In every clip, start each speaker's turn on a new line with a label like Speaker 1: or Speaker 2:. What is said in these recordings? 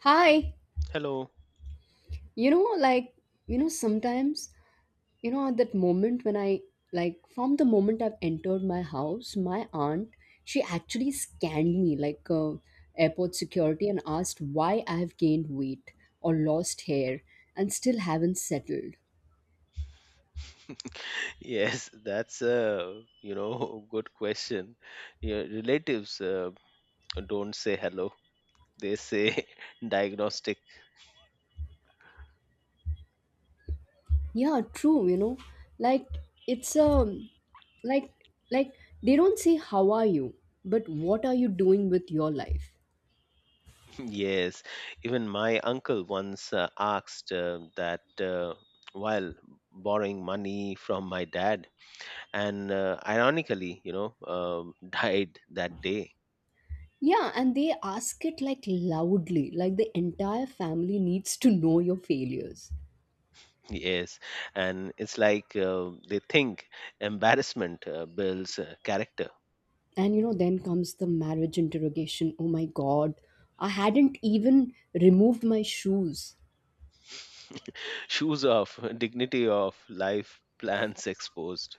Speaker 1: Hi.
Speaker 2: Hello.
Speaker 1: You know, like, you know, sometimes, at that moment when I, from the moment I've entered my house, my aunt, she actually scanned me like airport security and asked why I've gained weight or lost hair and still haven't settled.
Speaker 2: Yes, that's a good question. Your relatives don't say hello; they say diagnostic.
Speaker 1: Yeah, true, Like, it's like like they don't say how are you, but what are you doing with your life?
Speaker 2: Yes, even my uncle once asked that while borrowing money from my dad, and ironically, died that day.
Speaker 1: Yeah, and they ask it like loudly, like the entire family needs to know your failures.
Speaker 2: Yes, and it's like they think embarrassment builds character.
Speaker 1: And you know, then comes the marriage interrogation. Oh my god, I hadn't even removed my shoes.
Speaker 2: Shoes off, dignity off, life plans exposed.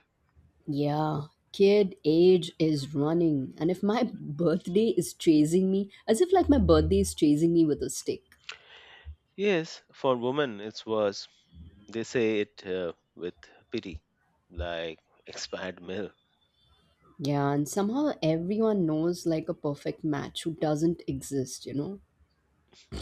Speaker 1: Yeah, kid age is running. And if my birthday is chasing me, as if like my birthday is chasing me with a stick.
Speaker 2: Yes, for women it's worse. They say it with pity, like expired milk.
Speaker 1: Yeah, and somehow everyone knows like a perfect match who doesn't exist, you know?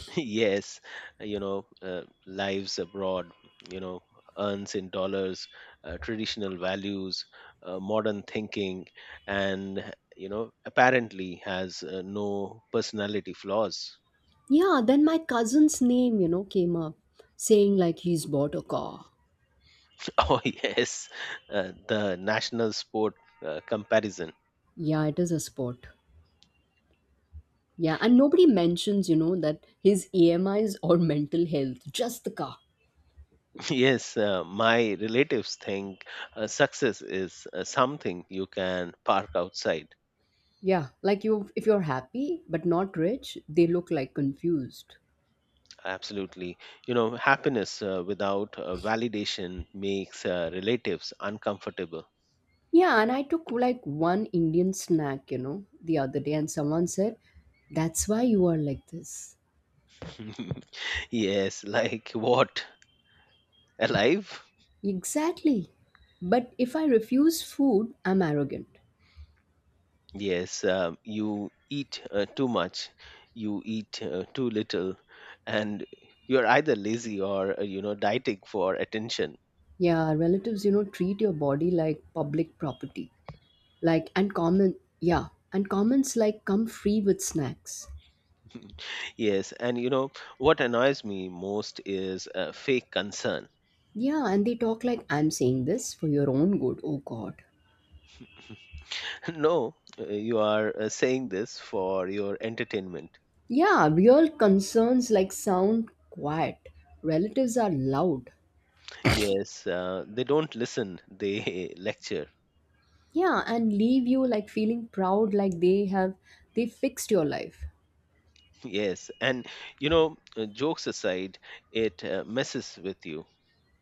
Speaker 2: Yes, lives abroad, you know, earns in dollars, traditional values, modern thinking, and, apparently has no personality flaws.
Speaker 1: Yeah, then my cousin's name, you know, came up saying like he's bought a car.
Speaker 2: Oh, yes, the national sport comparison.
Speaker 1: Yeah, it is a sport. Yeah, and nobody mentions, you know, that his EMIs or mental health, just the car.
Speaker 2: Yes, my relatives think success is something you can park outside.
Speaker 1: Yeah, like you if you're happy but not rich, they look like confused.
Speaker 2: Absolutely. You know, happiness without validation makes relatives uncomfortable.
Speaker 1: Yeah, and I took like one Indian snack, you know, the other day and someone said, "That's why you are like this."
Speaker 2: Yes, like what? Alive?
Speaker 1: Exactly. But if I refuse food, I'm arrogant.
Speaker 2: Yes, you eat too much, you eat too little, and you're either lazy or, dieting for attention.
Speaker 1: Yeah, relatives, you know, treat your body like public property. Like, and comment, yeah, and comments like come free with snacks.
Speaker 2: Yes, and you know what annoys me most is fake concern.
Speaker 1: Yeah, and they talk like, I'm saying this for your own good. Oh, God.
Speaker 2: No, you are saying this for your entertainment.
Speaker 1: Yeah, real concerns like sound quiet. Relatives are loud.
Speaker 2: Yes, they don't listen, they lecture.
Speaker 1: Yeah, and leave you like feeling proud like they fixed your life.
Speaker 2: Yes, and jokes aside, it messes with you.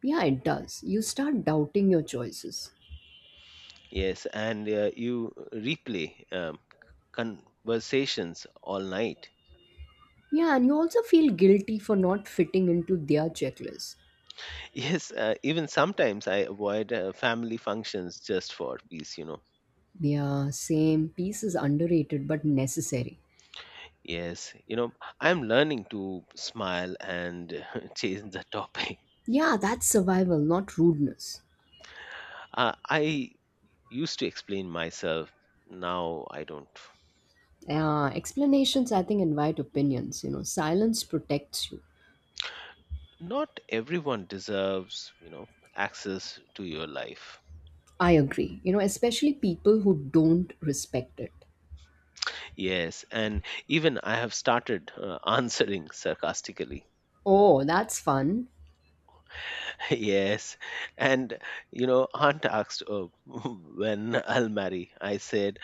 Speaker 1: Yeah, it does. You start doubting your choices.
Speaker 2: Yes, and you replay conversations all night.
Speaker 1: Yeah, and you also feel guilty for not fitting into their checklist.
Speaker 2: Yes, even sometimes I avoid family functions just for peace.
Speaker 1: Yeah, same. Peace is underrated but necessary.
Speaker 2: Yes, I'm learning to smile and change the topic.
Speaker 1: Yeah, that's survival, not rudeness.
Speaker 2: I used to explain myself, now I don't.
Speaker 1: Explanations, I think, invite opinions. You know, silence protects you.
Speaker 2: Not everyone deserves access to your life.
Speaker 1: I agree. You know, especially people who don't respect it.
Speaker 2: Yes, and even I have started answering sarcastically.
Speaker 1: Oh, that's fun.
Speaker 2: Yes, and aunt asked when I'll marry. I said,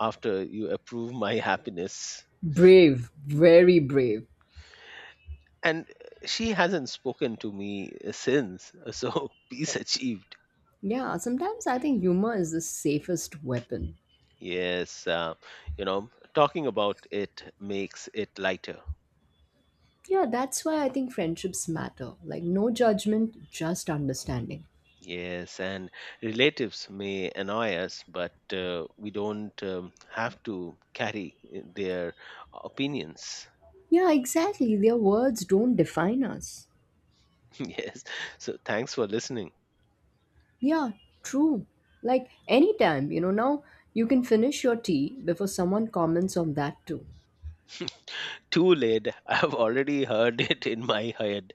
Speaker 2: after you approve my happiness.
Speaker 1: Brave, very brave.
Speaker 2: And she hasn't spoken to me since so peace achieved.
Speaker 1: Yeah, sometimes I think humor is the safest weapon.
Speaker 2: Yes, talking about it makes it lighter.
Speaker 1: Yeah, that's why I think friendships matter. Like, no judgment, just understanding.
Speaker 2: Yes, and relatives may annoy us but we don't have to carry their opinions.
Speaker 1: Yeah, exactly. Their words don't define us.
Speaker 2: Yes, so thanks for listening.
Speaker 1: Yeah, true. Like anytime, you know, now you can finish your tea before someone comments on that too.
Speaker 2: Too late. I've already heard it in my head.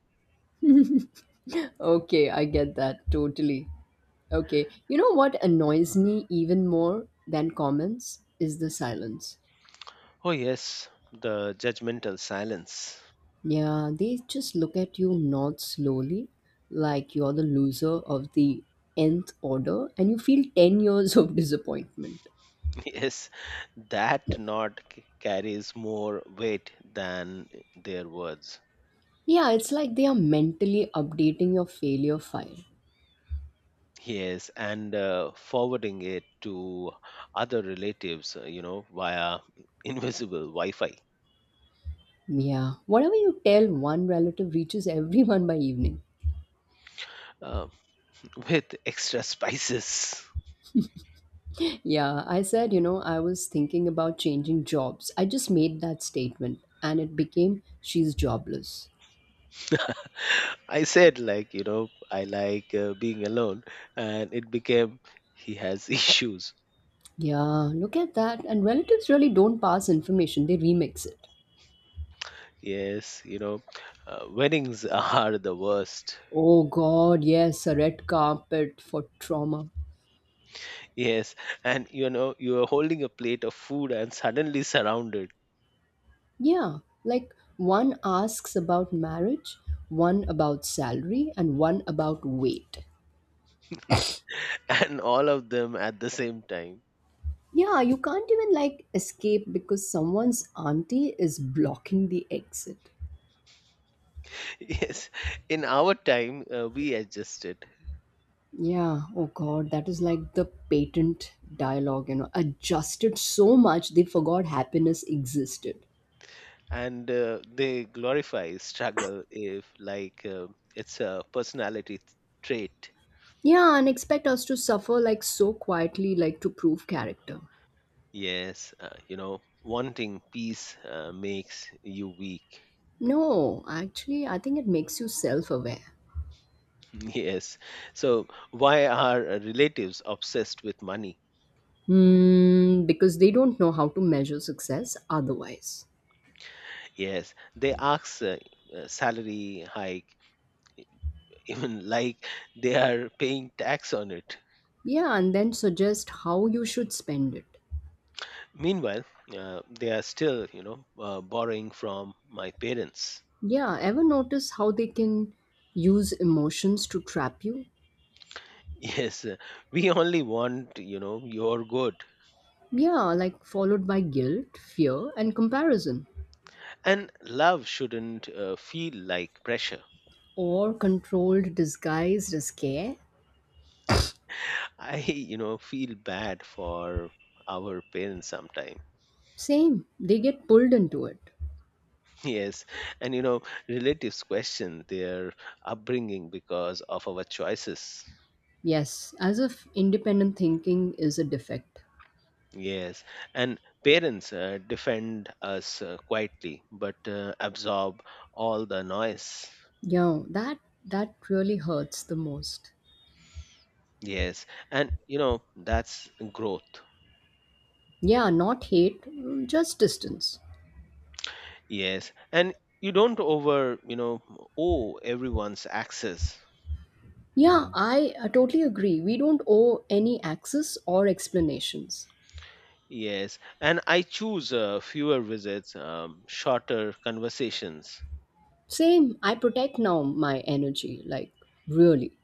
Speaker 1: Okay, I get that totally. Okay, you know what annoys me even more than comments is the silence.
Speaker 2: Oh, yes, the judgmental silence.
Speaker 1: Yeah, they just look at you, nod slowly, like you're the loser of the nth order, and you feel 10 years of disappointment.
Speaker 2: Yes, that knot carries more weight than their words.
Speaker 1: Yeah, it's like they are mentally updating your failure file.
Speaker 2: Yes, and forwarding it to other relatives, via invisible Wi Fi
Speaker 1: Yeah, whatever you tell one relative reaches everyone by evening.
Speaker 2: uh, with extra spices.
Speaker 1: Yeah, I said, you know, I was thinking about changing jobs. I just made that statement and it became she's jobless.
Speaker 2: I said, I like being alone, and it became he has issues.
Speaker 1: Yeah, look at that. And relatives really don't pass information, they remix it.
Speaker 2: Yes, weddings are the worst.
Speaker 1: Oh god, yes, a red carpet for trauma.
Speaker 2: Yes, and you are holding a plate of food and suddenly surrounded.
Speaker 1: Yeah, like one asks about marriage, one about salary, and one about weight.
Speaker 2: And all of them at the same time.
Speaker 1: Yeah, you can't even like escape because someone's auntie is blocking the exit.
Speaker 2: Yes, in our time, we adjusted,
Speaker 1: Yeah, oh god, that is like the patent dialogue, you know, adjusted so much they forgot happiness existed.
Speaker 2: and they glorify struggle if, like, it's a personality trait.
Speaker 1: Yeah, and expect us to suffer like so quietly, like to prove character.
Speaker 2: Yes, wanting peace makes you weak.
Speaker 1: No, actually, I think it makes you self aware.
Speaker 2: Yes, so why are relatives obsessed with money?
Speaker 1: Hmm, because they don't know how to measure success otherwise.
Speaker 2: Yes, they ask salary hike even like they are paying tax on it.
Speaker 1: Yeah, and then suggest how you should spend it.
Speaker 2: Meanwhile, they are still, borrowing from my parents.
Speaker 1: Yeah, ever notice how they can use emotions to trap you?
Speaker 2: Yes, we only want, your good.
Speaker 1: Yeah, like followed by guilt, fear, and comparison.
Speaker 2: And love shouldn't feel like pressure.
Speaker 1: Or controlled, disguised as care.
Speaker 2: I, feel bad for our parents sometimes.
Speaker 1: Same, they get pulled into it.
Speaker 2: Yes, and relatives question their upbringing because of our choices.
Speaker 1: Yes, as if independent thinking is a defect.
Speaker 2: Yes, and parents defend us quietly but absorb all the noise.
Speaker 1: Yeah, that really hurts the most.
Speaker 2: Yes, and you know that's growth.
Speaker 1: Yeah, not hate, mm, just distance.
Speaker 2: Yes, and you don't over you know owe everyone's access.
Speaker 1: Yeah, I totally agree. We don't owe any access or explanations.
Speaker 2: Yes, and I choose fewer visits, shorter conversations.
Speaker 1: Same, I protect now my energy, like really.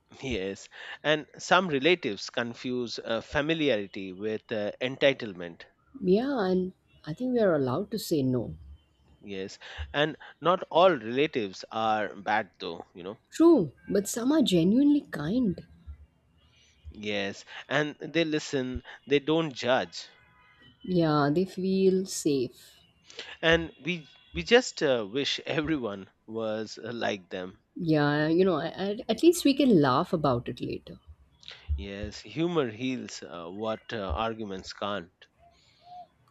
Speaker 2: Yes, and some relatives confuse familiarity with entitlement.
Speaker 1: Yeah, and I think we are allowed to say no.
Speaker 2: Yes, and not all relatives are bad though.
Speaker 1: True, but some are genuinely kind.
Speaker 2: Yes, and they listen, they don't judge.
Speaker 1: Yeah, they feel safe.
Speaker 2: And we just wish everyone was like them.
Speaker 1: Yeah, you know, at least we can laugh about it later.
Speaker 2: Yes, humor heals what arguments can't.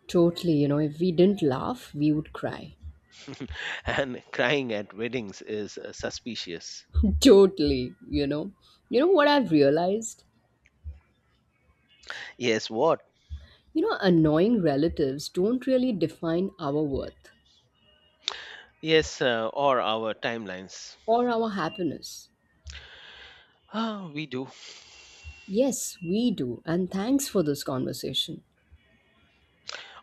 Speaker 1: Totally, you know, if we didn't laugh, we would cry.
Speaker 2: And crying at weddings is suspicious.
Speaker 1: totally, you know. You know what I've realized?
Speaker 2: Yes, what?
Speaker 1: You know, annoying relatives don't really define our worth
Speaker 2: Yes, or our timelines.
Speaker 1: or our happiness.
Speaker 2: Ah, we do.
Speaker 1: Yes, we do. And thanks for this conversation.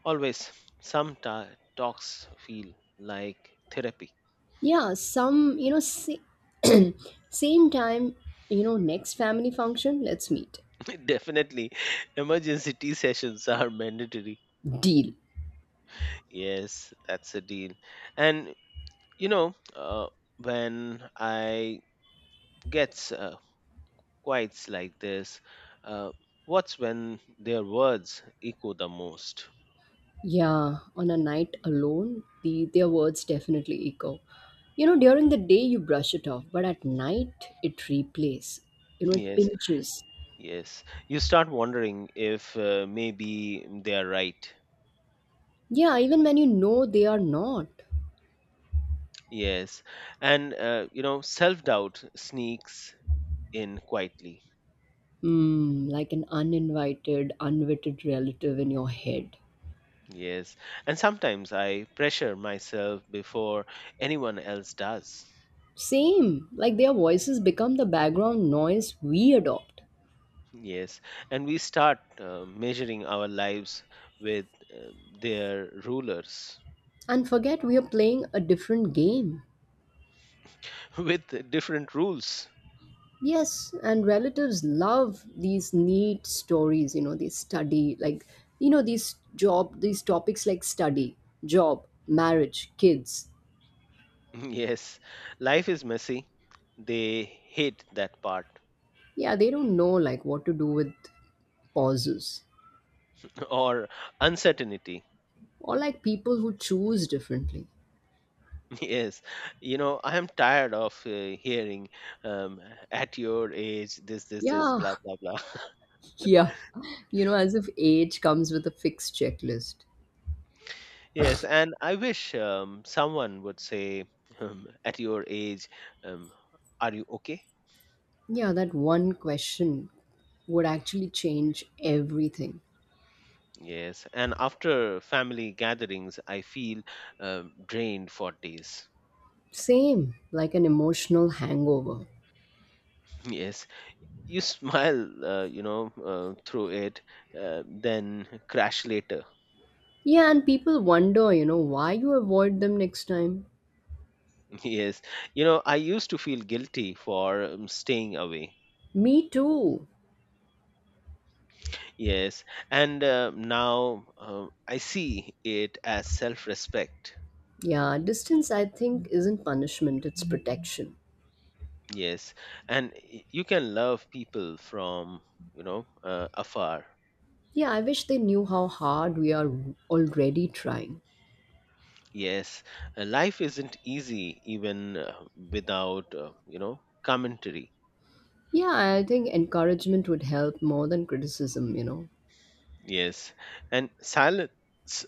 Speaker 2: Always some talks feel like therapy.
Speaker 1: Yeah, some, same time, you know, next family function, let's meet.
Speaker 2: Definitely. Emergency tea sessions are mandatory.
Speaker 1: Deal.
Speaker 2: Yes, that's a deal. And you know, uh, when I get quiets like this, uh, what's when their words echo the most?
Speaker 1: Yeah, on a night alone, their words definitely echo. You know, during the day you brush it off, but at night it replays. You know, it
Speaker 2: Yes,
Speaker 1: pinches.
Speaker 2: yes. You start wondering if maybe they're right.
Speaker 1: Yeah, even when you know they are not.
Speaker 2: Yes. And self doubt sneaks in quietly.
Speaker 1: Hmm, like an uninvited, unwitted relative in your head.
Speaker 2: Yes, and sometimes I pressure myself before anyone else does.
Speaker 1: Same, like their voices become the background noise we adopt
Speaker 2: Yes, and we start measuring our lives with uh, their rulers.
Speaker 1: and forget we are playing a different game.
Speaker 2: With different rules.
Speaker 1: Yes, and relatives love these neat stories, you know, they study, like, you know, these job, these topics like study, job, marriage, kids.
Speaker 2: Yes, life is messy. They hate that part.
Speaker 1: Yeah, they don't know like, what to do with pauses
Speaker 2: Or uncertainty.
Speaker 1: or like people who choose differently.
Speaker 2: Yes, I am tired of hearing um, at your age, this,
Speaker 1: Yeah,
Speaker 2: blah, blah, blah.
Speaker 1: yeah, you know, as if age comes with a fixed checklist.
Speaker 2: Yes, and I wish someone would say, at your age, um, are you okay?
Speaker 1: Yeah, that one question would actually change everything.
Speaker 2: Yes, and after family gatherings, I feel drained for days.
Speaker 1: Same, like an emotional hangover.
Speaker 2: Yes, you smile, through it, then crash later.
Speaker 1: Yeah, and people wonder, you know, why you avoid them next time.
Speaker 2: Yes, I used to feel guilty for staying away.
Speaker 1: Me too.
Speaker 2: Yes, and now I see it as self respect.
Speaker 1: Yeah, distance, I think, isn't punishment, it's protection.
Speaker 2: Yes, and you can love people from afar.
Speaker 1: Yeah, I wish they knew how hard we are already trying.
Speaker 2: Yes, life isn't easy even without commentary.
Speaker 1: Yeah, I think encouragement would help more than criticism, you know.
Speaker 2: Yes, and silence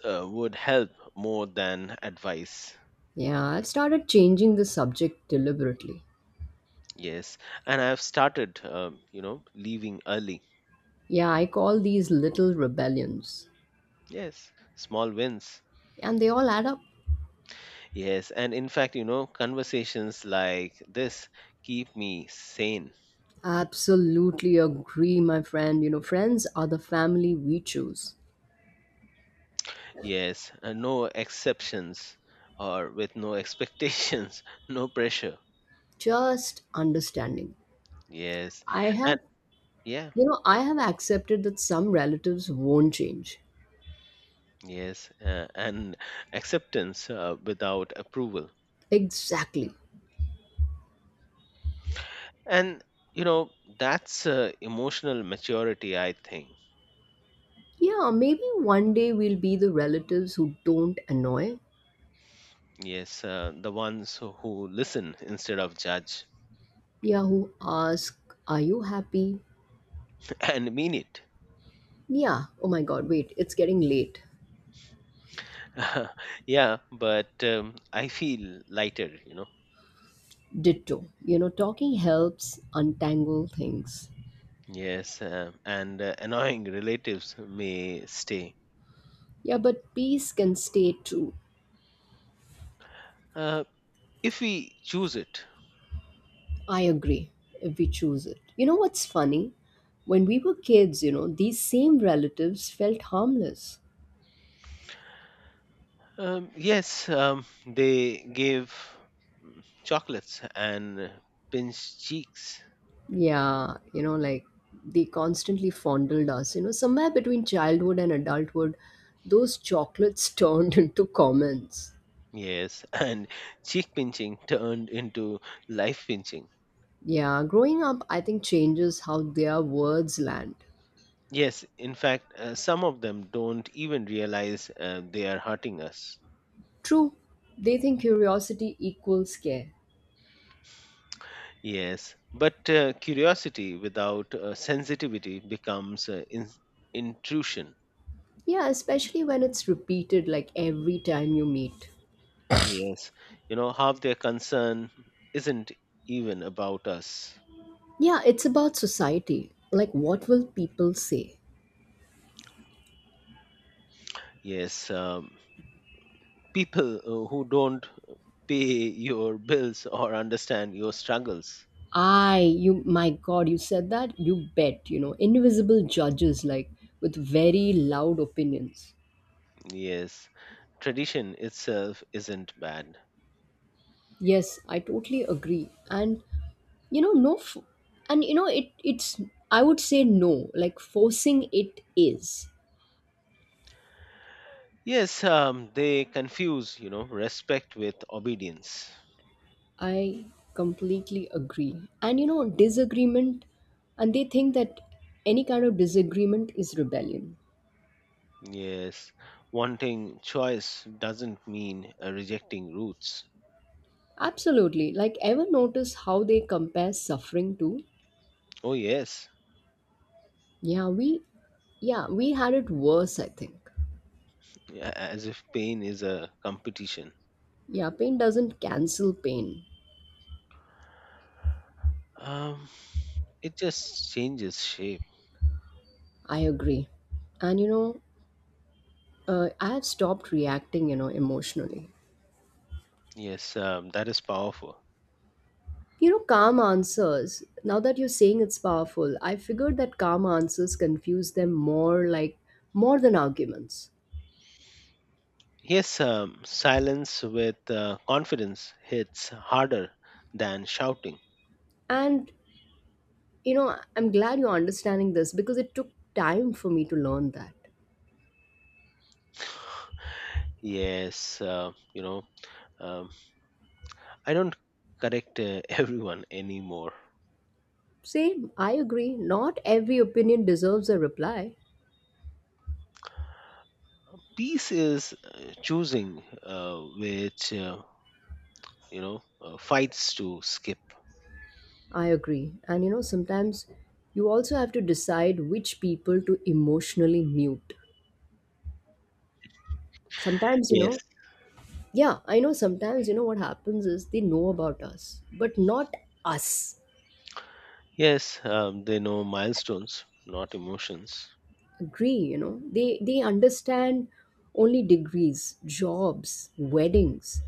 Speaker 2: would help more than advice.
Speaker 1: Yeah, I've started changing the subject deliberately.
Speaker 2: Yes, and I've started leaving early.
Speaker 1: Yeah, I call these little rebellions.
Speaker 2: Yes, small wins.
Speaker 1: And they all add up.
Speaker 2: Yes, and in fact, conversations like this keep me sane.
Speaker 1: Absolutely agree, my friend. You know, friends are the family we choose.
Speaker 2: Yes, and no exceptions or with no expectations, no pressure.
Speaker 1: Just understanding.
Speaker 2: Yes,
Speaker 1: I have,
Speaker 2: and yeah,
Speaker 1: you know,
Speaker 2: go
Speaker 1: I
Speaker 2: ahead.
Speaker 1: have accepted that some relatives won't change.
Speaker 2: Yes, and acceptance without approval.
Speaker 1: Exactly.
Speaker 2: And you know, that's emotional maturity, I think.
Speaker 1: Yeah, maybe one day we'll be the relatives who don't annoy.
Speaker 2: Yes, the ones who listen instead of judge.
Speaker 1: Yeah, who ask, are you happy?
Speaker 2: And mean it.
Speaker 1: Yeah, oh my god, wait, it's getting late.
Speaker 2: Yeah, but I feel lighter.
Speaker 1: Ditto. You know, talking helps untangle things.
Speaker 2: Yes, and annoying relatives may stay.
Speaker 1: Yeah, but peace can stay too.
Speaker 2: Uh, if we choose it
Speaker 1: I agree if we choose it. You know what's funny? When we were kids, you know, these same relatives felt harmless.
Speaker 2: um, Yes, they gave chocolates and pinched cheeks.
Speaker 1: Yeah, you know, like they constantly fondled us. You know, somewhere between childhood and adulthood, those chocolates turned into comments.
Speaker 2: Yes. And cheek pinching turned into life pinching.
Speaker 1: Yeah, growing up, I think, changes how their words land.
Speaker 2: Yes, in fact some of them don't even realize they are hurting us.
Speaker 1: True, they think curiosity equals care.
Speaker 2: Yes, but curiosity without sensitivity becomes intrusion.
Speaker 1: Yeah, especially when it's repeated like every time you meet.
Speaker 2: Yes, half their concern isn't even about us.
Speaker 1: Yeah, it's about society. Like, what will people say?
Speaker 2: Yes, people who don't pay your bills or understand your struggles.
Speaker 1: My God, you said that? You bet, you know, invisible judges, like, with very loud opinions.
Speaker 2: Yes, tradition itself isn't bad.
Speaker 1: Yes, I totally agree. And, you know, no, f- and, you know, it, it's, I would say no, like, forcing it is.
Speaker 2: Yes, they confuse, respect with obedience.
Speaker 1: I completely agree. And, you know, disagreement, and they think that any kind of disagreement is rebellion.
Speaker 2: Yes, wanting choice doesn't mean rejecting roots.
Speaker 1: Absolutely. Like, ever notice how they compare suffering to?
Speaker 2: Oh, yes,
Speaker 1: Yeah, we, yeah, we had it worse, I think.
Speaker 2: as if pain is a competition.
Speaker 1: Yeah, pain doesn't cancel pain.
Speaker 2: Um, it just changes shape.
Speaker 1: I agree. And you know, I have stopped reacting. You know, emotionally.
Speaker 2: Yes, that is powerful.
Speaker 1: You know, calm answers. Now that you're saying it's powerful, I figured that calm answers confuse them more, like more than arguments.
Speaker 2: Yes, silence with confidence hits harder than shouting.
Speaker 1: And you know, I'm glad you're understanding this because it took time for me to learn that.
Speaker 2: Yes, um, I don't correct everyone anymore.
Speaker 1: Same, I agree. Not every opinion deserves a reply.
Speaker 2: Peace is choosing which, fights to skip.
Speaker 1: I agree. And you know, sometimes you also have to decide which people to emotionally mute. Sometimes, you
Speaker 2: Yes,
Speaker 1: know, yeah, I know sometimes, you know, what happens is they know about us, but not us.
Speaker 2: yes, um, they know milestones, not emotions.
Speaker 1: Agree, you know, they understand only degrees, jobs, weddings.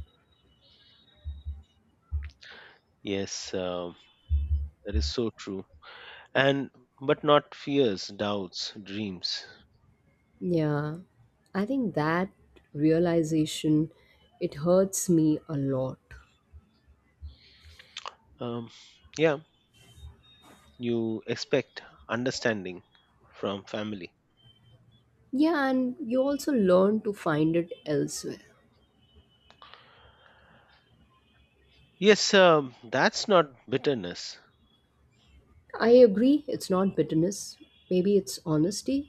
Speaker 2: Yes, that is so true. And but not fears, doubts, dreams.
Speaker 1: Yeah, I think that realization, it hurts me a lot.
Speaker 2: Um, yeah, you expect understanding from family.
Speaker 1: Yeah, and you also learn to find it elsewhere.
Speaker 2: Yes, that's not bitterness.
Speaker 1: I agree, it's not bitterness. Maybe it's honesty.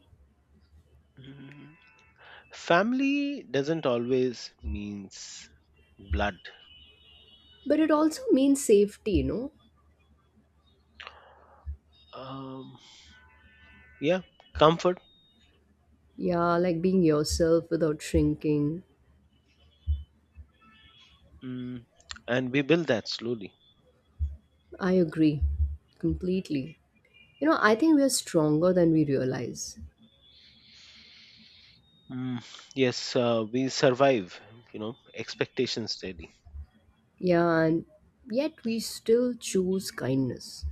Speaker 2: Mm, family doesn't always means blood.
Speaker 1: But it also means safety, you know?
Speaker 2: Um, yeah, comfort,
Speaker 1: Yeah, like being yourself without shrinking.
Speaker 2: mm, and we build that slowly.
Speaker 1: I agree completely. You know, I think we're stronger than we realize.
Speaker 2: Mm, yes, we survive. You know, expectations daily.
Speaker 1: Yeah, and yet we still choose kindness.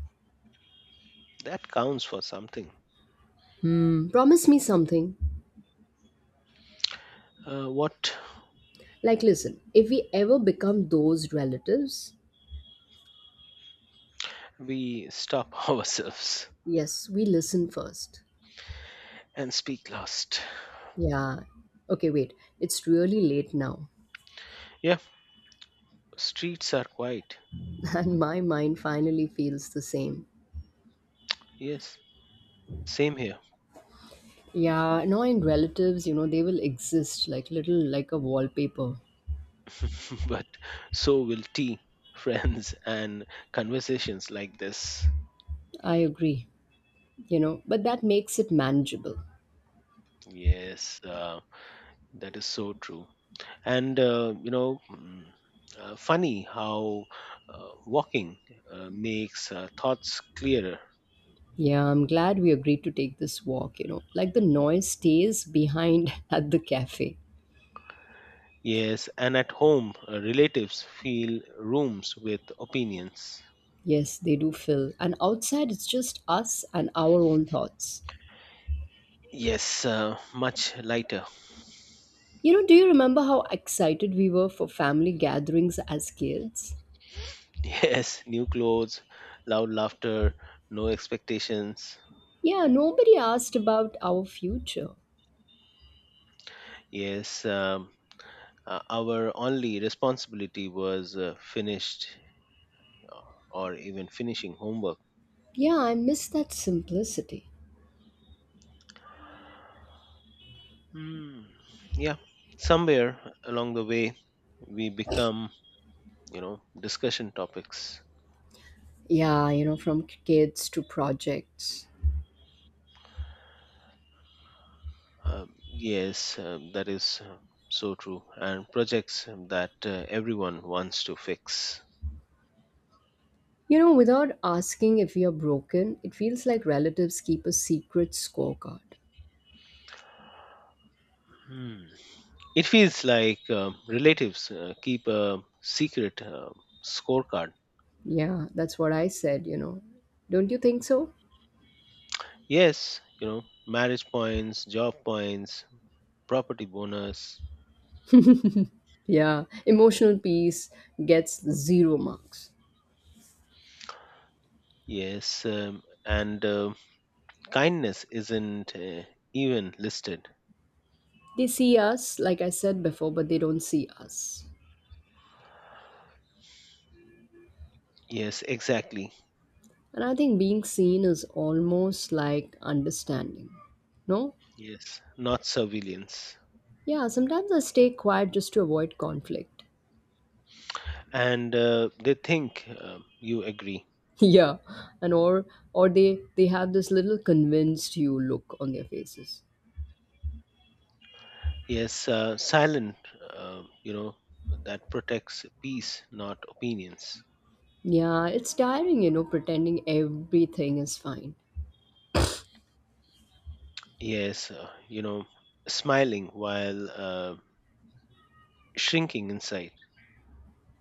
Speaker 2: That counts for something.
Speaker 1: Hmm, promise me something.
Speaker 2: What?
Speaker 1: Like, listen, if we ever become those relatives,
Speaker 2: We stop ourselves
Speaker 1: yes, we listen first.
Speaker 2: and speak last.
Speaker 1: Yeah. Okay, wait. It's really late now.
Speaker 2: Yeah, streets are quiet.
Speaker 1: And my mind finally feels the same.
Speaker 2: Yes, same here.
Speaker 1: Yeah, annoying relatives, you know, they will exist like little like a wallpaper.
Speaker 2: But so will tea, friends, and conversations like this.
Speaker 1: I agree, you know, but that makes it manageable.
Speaker 2: Yes, that is so true. And funny how walking makes thoughts clearer.
Speaker 1: Yeah, I'm glad we agreed to take this walk, you know. Like the noise stays behind at the cafe.
Speaker 2: Yes, and at home, relatives feel rooms with opinions.
Speaker 1: Yes, they do fill. And outside, it's just us and our own thoughts.
Speaker 2: Yes, much lighter.
Speaker 1: You know, do you remember how excited we were for family gatherings as kids?
Speaker 2: Yes, new clothes, loud laughter, no expectations.
Speaker 1: Yeah, nobody asked about our future.
Speaker 2: Yes, our only responsibility was finished uh, or even finishing homework.
Speaker 1: Yeah, I miss that simplicity.
Speaker 2: Hmm. Yeah, somewhere along the way, we become, discussion topics.
Speaker 1: Yeah, you know, from kids to projects.
Speaker 2: Yes, that is so true. And projects that everyone wants to fix.
Speaker 1: You know, without asking if we are broken, it feels like relatives keep a secret scorecard.
Speaker 2: Hmm. It feels like relatives keep a secret scorecard.
Speaker 1: Yeah, that's what I said, you know. Don't you think so?
Speaker 2: Yes, marriage points, job points, property bonus.
Speaker 1: Yeah, emotional peace gets zero marks.
Speaker 2: Yes, and kindness isn't even listed.
Speaker 1: They see us, like I said before, but they don't see us.
Speaker 2: Yes, exactly.
Speaker 1: And I think being seen is almost like understanding. No?
Speaker 2: Yes, not surveillance.
Speaker 1: Yeah, sometimes I stay quiet just to avoid conflict.
Speaker 2: And they think you agree.
Speaker 1: Yeah, and or they have this little convinced you look on their faces.
Speaker 2: Yes, silent, uh, you know, that protects peace, not opinions.
Speaker 1: Yeah, it's tiring, you know, pretending everything is fine.
Speaker 2: Yes, smiling while shrinking inside.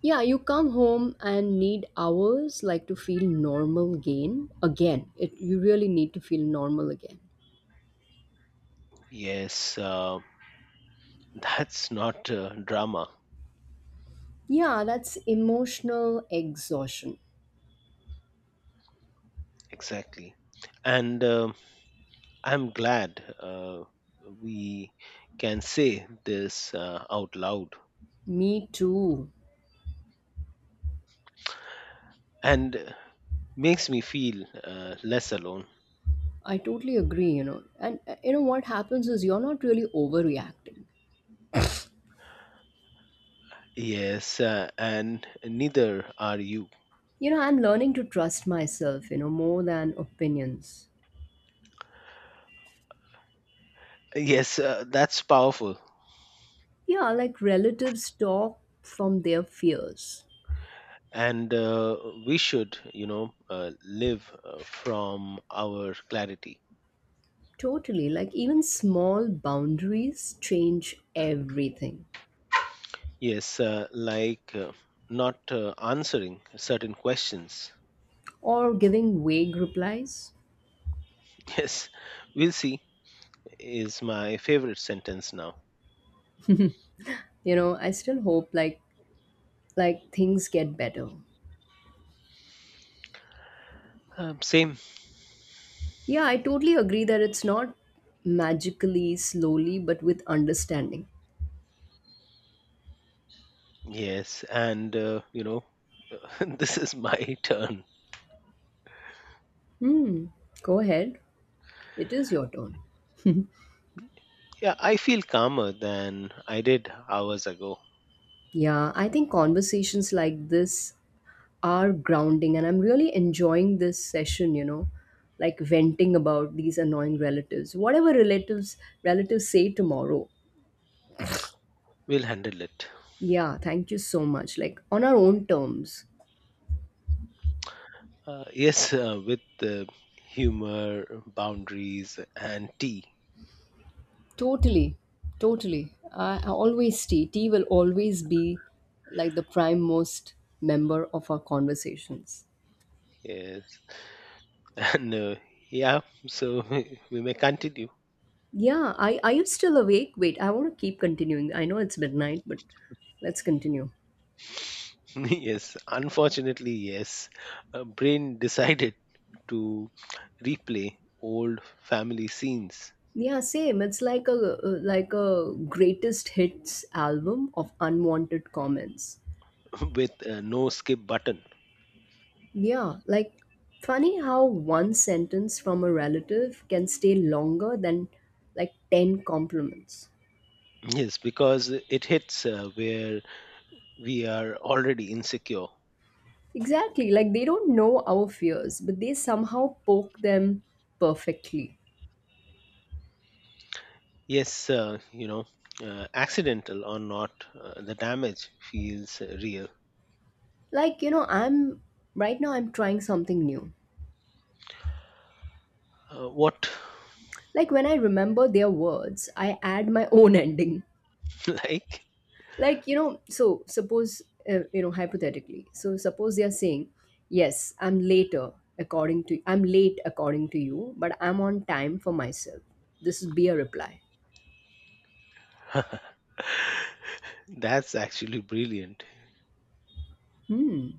Speaker 1: Yeah, you come home and need hours like to feel normal again. Again, it you really need to feel normal again.
Speaker 2: Yes, that's not drama.
Speaker 1: Yeah, that's emotional exhaustion.
Speaker 2: Exactly. And I'm glad we can say this out loud
Speaker 1: Me too.
Speaker 2: and makes me feel less alone.
Speaker 1: I totally agree, you know. And You know what happens is you're not really overreacting.
Speaker 2: Yes, and neither are you.
Speaker 1: You know, I'm learning to trust myself, you know, more than opinions.
Speaker 2: Yes, that's powerful.
Speaker 1: Yeah, like relatives talk from their fears.
Speaker 2: And we should, live from our clarity.
Speaker 1: Totally. Like even small boundaries change everything.
Speaker 2: Yes, like not answering certain questions.
Speaker 1: Or giving vague replies.
Speaker 2: Yes, we'll see is my favorite sentence now.
Speaker 1: You know, I still hope like things get better.
Speaker 2: Same.
Speaker 1: Yeah, I totally agree that it's not magically, slowly, but with understanding.
Speaker 2: Yes, and this is my turn.
Speaker 1: Hmm. Go ahead. It is your turn.
Speaker 2: Yeah, I feel calmer than I did hours ago.
Speaker 1: Yeah, I think conversations like this are grounding, and I'm really enjoying this session, you know, like venting about these annoying relatives. Whatever relatives say tomorrow.
Speaker 2: We'll handle it.
Speaker 1: Yeah, thank you so much. Like on our own terms.
Speaker 2: Yes, with the humor, boundaries, and tea.
Speaker 1: Totally. Totally. I always T. T will always be like the prime most member of our conversations.
Speaker 2: Yes, and yeah, so we may continue.
Speaker 1: Yeah, I are you still awake? Wait, I want to keep continuing. I know it's midnight, but let's continue.
Speaker 2: Yes, unfortunately, yes, brain decided to replay old family scenes.
Speaker 1: Yeah, same. It's like a greatest hits album of unwanted comments.
Speaker 2: With no skip button.
Speaker 1: Yeah, like funny how one sentence from a relative can stay longer than like 10 compliments.
Speaker 2: Yes, because it hits where we are already insecure.
Speaker 1: Exactly, like they don't know our fears, but they somehow poke them perfectly.
Speaker 2: Yes, accidental or not, the damage feels real.
Speaker 1: Like, you know, I'm right now I'm trying something new.
Speaker 2: What,
Speaker 1: Like when I remember their words, I add my own ending.
Speaker 2: like?
Speaker 1: Like so suppose hypothetically so suppose they are saying yes, I'm later, according to, I'm late according to you, but I'm on time for myself. This would be a reply.
Speaker 2: That's actually brilliant.
Speaker 1: Hmm.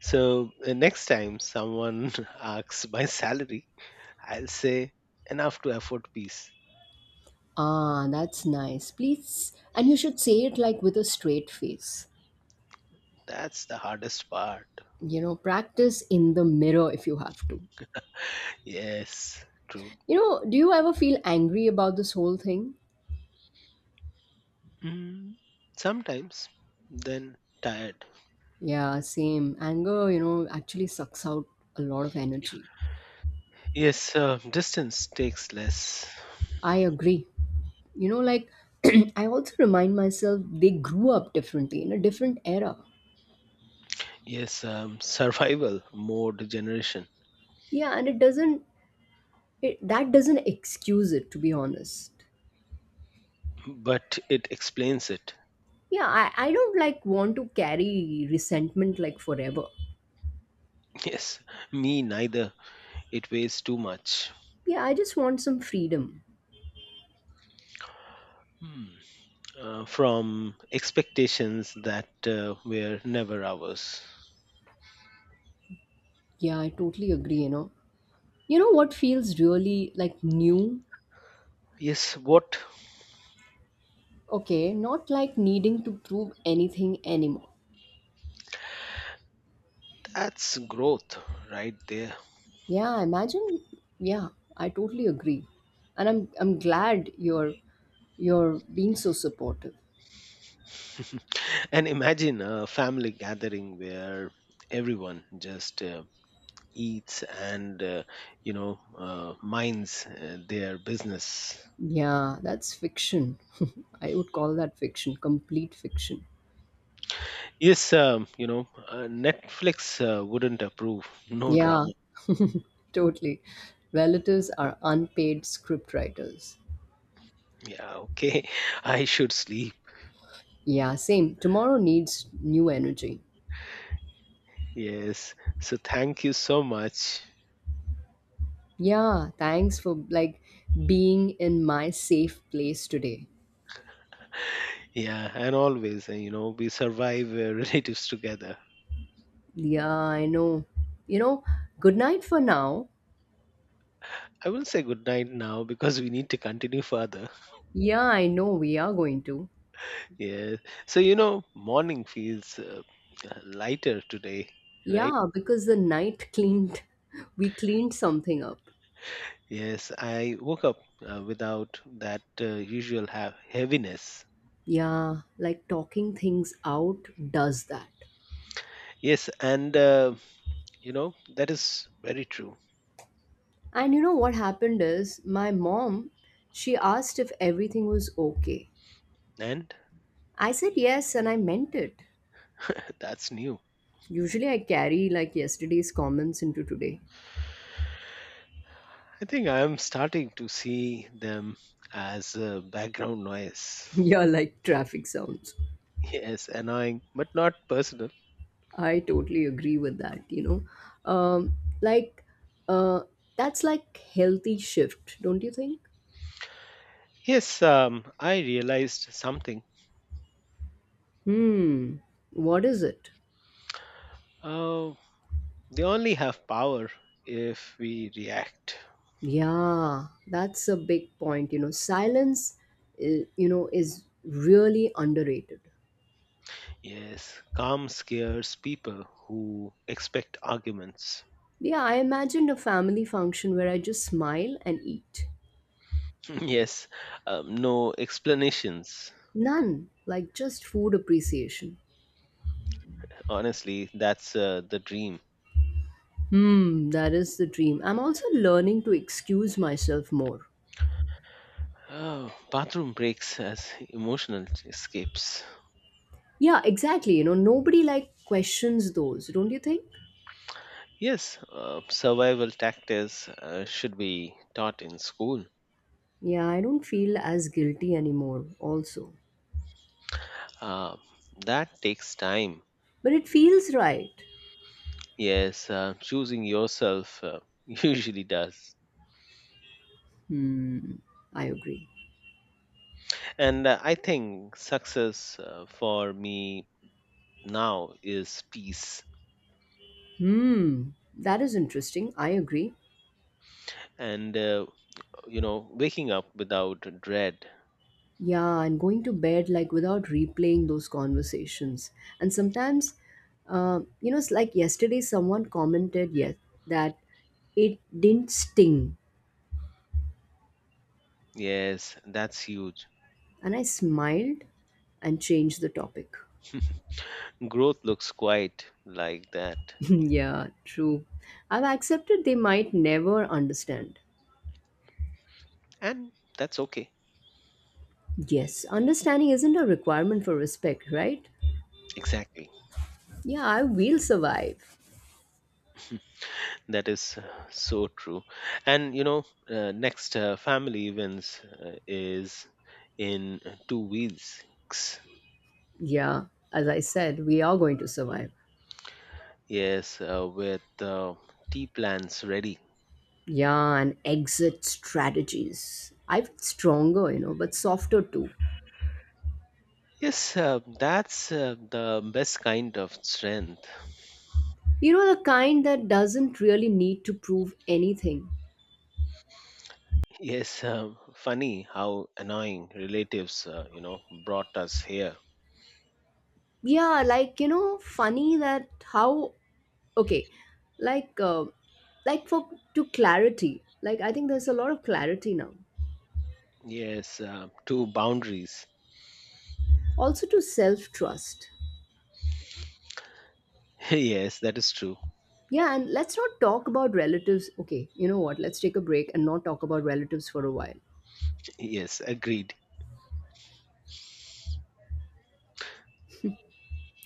Speaker 2: So, next time someone asks my salary, I'll say enough to afford peace.
Speaker 1: Ah, that's nice, please. And you should say it like with a straight face.
Speaker 2: That's the hardest part.
Speaker 1: You know, practice in the mirror if you have to.
Speaker 2: Yes, true.
Speaker 1: You know, do you ever feel angry about this whole thing?
Speaker 2: Mm, sometimes, then tired.
Speaker 1: Yeah, same anger, you know, actually sucks out a lot of energy.
Speaker 2: Yes, distance takes less.
Speaker 1: I agree. You know, like I also remind myself they grew up differently in a different era.
Speaker 2: Yes, survival mode generation,
Speaker 1: Yeah, and it doesn't, that doesn't excuse it, to be honest.
Speaker 2: but it explains it.
Speaker 1: Yeah, I don't like want to carry resentment like forever.
Speaker 2: Yes, me neither. It weighs too much.
Speaker 1: Yeah, I just want some freedom.
Speaker 2: Hmm. From expectations that were never ours.
Speaker 1: Yeah, I totally agree, you know. You know what feels really like new?
Speaker 2: Yes, what?
Speaker 1: Okay, not like needing to prove anything anymore.
Speaker 2: That's growth right there.
Speaker 1: Yeah, imagine. Yeah, I totally agree. And I'm glad you're being so supportive.
Speaker 2: And imagine a family gathering where everyone just eats and, minds their business.
Speaker 1: Yeah, that's fiction. I would call that fiction, complete fiction.
Speaker 2: Yes, Netflix wouldn't approve. No
Speaker 1: Yeah,
Speaker 2: drama.
Speaker 1: totally. Relatives are unpaid script writers.
Speaker 2: Yeah, okay. I should sleep.
Speaker 1: Yeah, same. Tomorrow needs new energy.
Speaker 2: Yes. So thank you so much.
Speaker 1: Yeah, thanks for like being in my safe place today.
Speaker 2: Yeah, and always, we survive relatives together.
Speaker 1: Yeah, I know. You know, good night for now.
Speaker 2: I will say good night now because we need to continue further.
Speaker 1: Yeah, I know we are going to.
Speaker 2: Yeah. So, you know, morning feels lighter today, right?
Speaker 1: Yeah, because the night cleaned, we cleaned something up.
Speaker 2: Yes, I woke up without that usual heaviness.
Speaker 1: Yeah, like talking things out does that.
Speaker 2: Yes, and you know, that is very true.
Speaker 1: And you know what happened is my mom, she asked if everything was okay.
Speaker 2: And
Speaker 1: I said yes and I meant it.
Speaker 2: that's new.
Speaker 1: Usually I carry like yesterday's comments into today.
Speaker 2: I think I am starting to see them as background noise.
Speaker 1: Yeah, like traffic sounds.
Speaker 2: Yes, annoying, but not personal.
Speaker 1: I totally agree with that, you know. Like, uh, that's like healthy shift, don't you think?
Speaker 2: Yes, I realized something.
Speaker 1: Hmm, what is it?
Speaker 2: Uh, they only have power if we react.
Speaker 1: Yeah, that's a big point. You know, silence, you know, is really underrated.
Speaker 2: Yes, calm scares people who expect arguments.
Speaker 1: Yeah, I imagined a family function where I just smile and eat.
Speaker 2: Yes, no explanations.
Speaker 1: None, like just food appreciation.
Speaker 2: Honestly, that's the dream.
Speaker 1: Hmm, that is the dream. I'm also learning to excuse myself more.
Speaker 2: Bathroom breaks as emotional escapes.
Speaker 1: Yeah, exactly. You know, nobody like questions those, don't you think?
Speaker 2: Yes, survival tactics should be taught in school.
Speaker 1: Yeah, I don't feel as guilty anymore, also.
Speaker 2: Uh, that takes time.
Speaker 1: But it feels right.
Speaker 2: Yes, choosing yourself usually does.
Speaker 1: Hmm, I agree.
Speaker 2: And I think success for me now is peace
Speaker 1: Hmm, that is interesting. I agree.
Speaker 2: and, waking up without dread.
Speaker 1: Yeah, and going to bed like without replaying those conversations. And sometimes, it's like yesterday someone commented, yes, that it didn't sting,
Speaker 2: Yes, that's huge.
Speaker 1: and I smiled and changed the topic.
Speaker 2: Growth looks quite like that.
Speaker 1: Yeah, true. I've accepted they might never understand.
Speaker 2: And that's okay.
Speaker 1: Yes, understanding isn't a requirement for respect, right?
Speaker 2: Exactly.
Speaker 1: Yeah, I will survive.
Speaker 2: That is so true. And next family events is in 2 weeks.
Speaker 1: Yeah, as I said, we are going to survive.
Speaker 2: Yes, with tea plans ready.
Speaker 1: Yeah, and exit strategies. I feel stronger, you know, but softer too.
Speaker 2: Yes, that's the best kind of strength.
Speaker 1: You know, the kind that doesn't really need to prove anything.
Speaker 2: Yes, funny how annoying relatives, brought us here.
Speaker 1: Yeah, like, you know, funny that how, okay, like, uh, like for to clarity, like, I think there's a lot of clarity now.
Speaker 2: Yes, two boundaries.
Speaker 1: Also to self trust.
Speaker 2: Yes, that is true.
Speaker 1: Yeah, and let's not talk about relatives. Okay, you know what? Let's take a break and not talk about relatives for a while.
Speaker 2: Yes, agreed.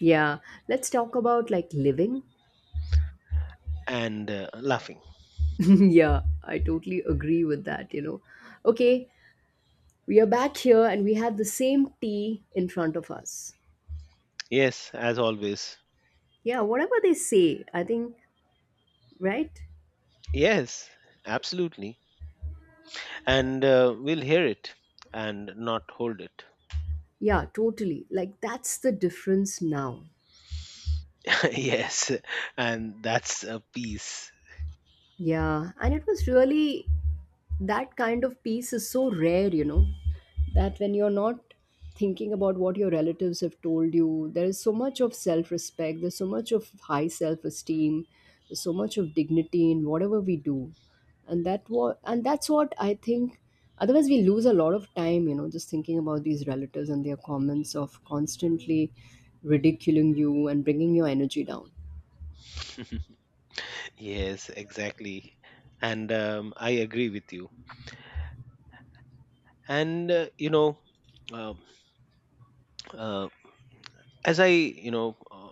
Speaker 1: Yeah, let's talk about like living.
Speaker 2: And laughing.
Speaker 1: Yeah, I totally agree with that, you know. Okay, we are back here and we had the same tea in front of us.
Speaker 2: Yes, as always,
Speaker 1: Yeah, whatever they say, I think, right?
Speaker 2: Yes, absolutely. And we'll hear it and not hold it.
Speaker 1: Yeah, totally. Like that's the difference now.
Speaker 2: Yes, and that's a piece.
Speaker 1: Yeah, and it was really that kind of peace is so rare, you know, that when you're not thinking about what your relatives have told you, there is so much of self respect, there's so much of high self esteem, there's so much of dignity in whatever we do. And that's what I think. Otherwise we lose a lot of time, you know, just thinking about these relatives and their comments of constantly ridiculing you and bringing your energy down.
Speaker 2: Yes, exactly. And I agree with you. And, um uh, as I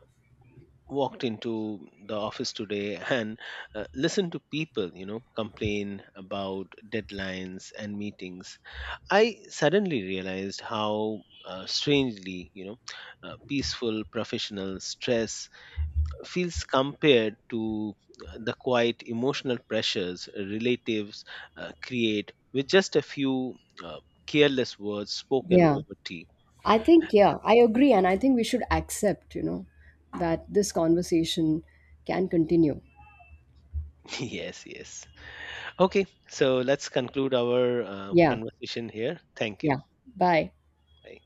Speaker 2: walked into the office today and listened to people, complain about deadlines and meetings. I suddenly realized how strangely, peaceful professional stress feels compared to the quiet emotional pressures relatives create with just a few uh, careless words spoken
Speaker 1: Yeah.
Speaker 2: over tea.
Speaker 1: I think, yeah, I agree. And I think we should accept, you know, that this conversation can continue.
Speaker 2: Yes, yes. Okay, so let's conclude our
Speaker 1: Yeah,
Speaker 2: conversation here. Thank you.
Speaker 1: yeah. Bye.
Speaker 2: Bye.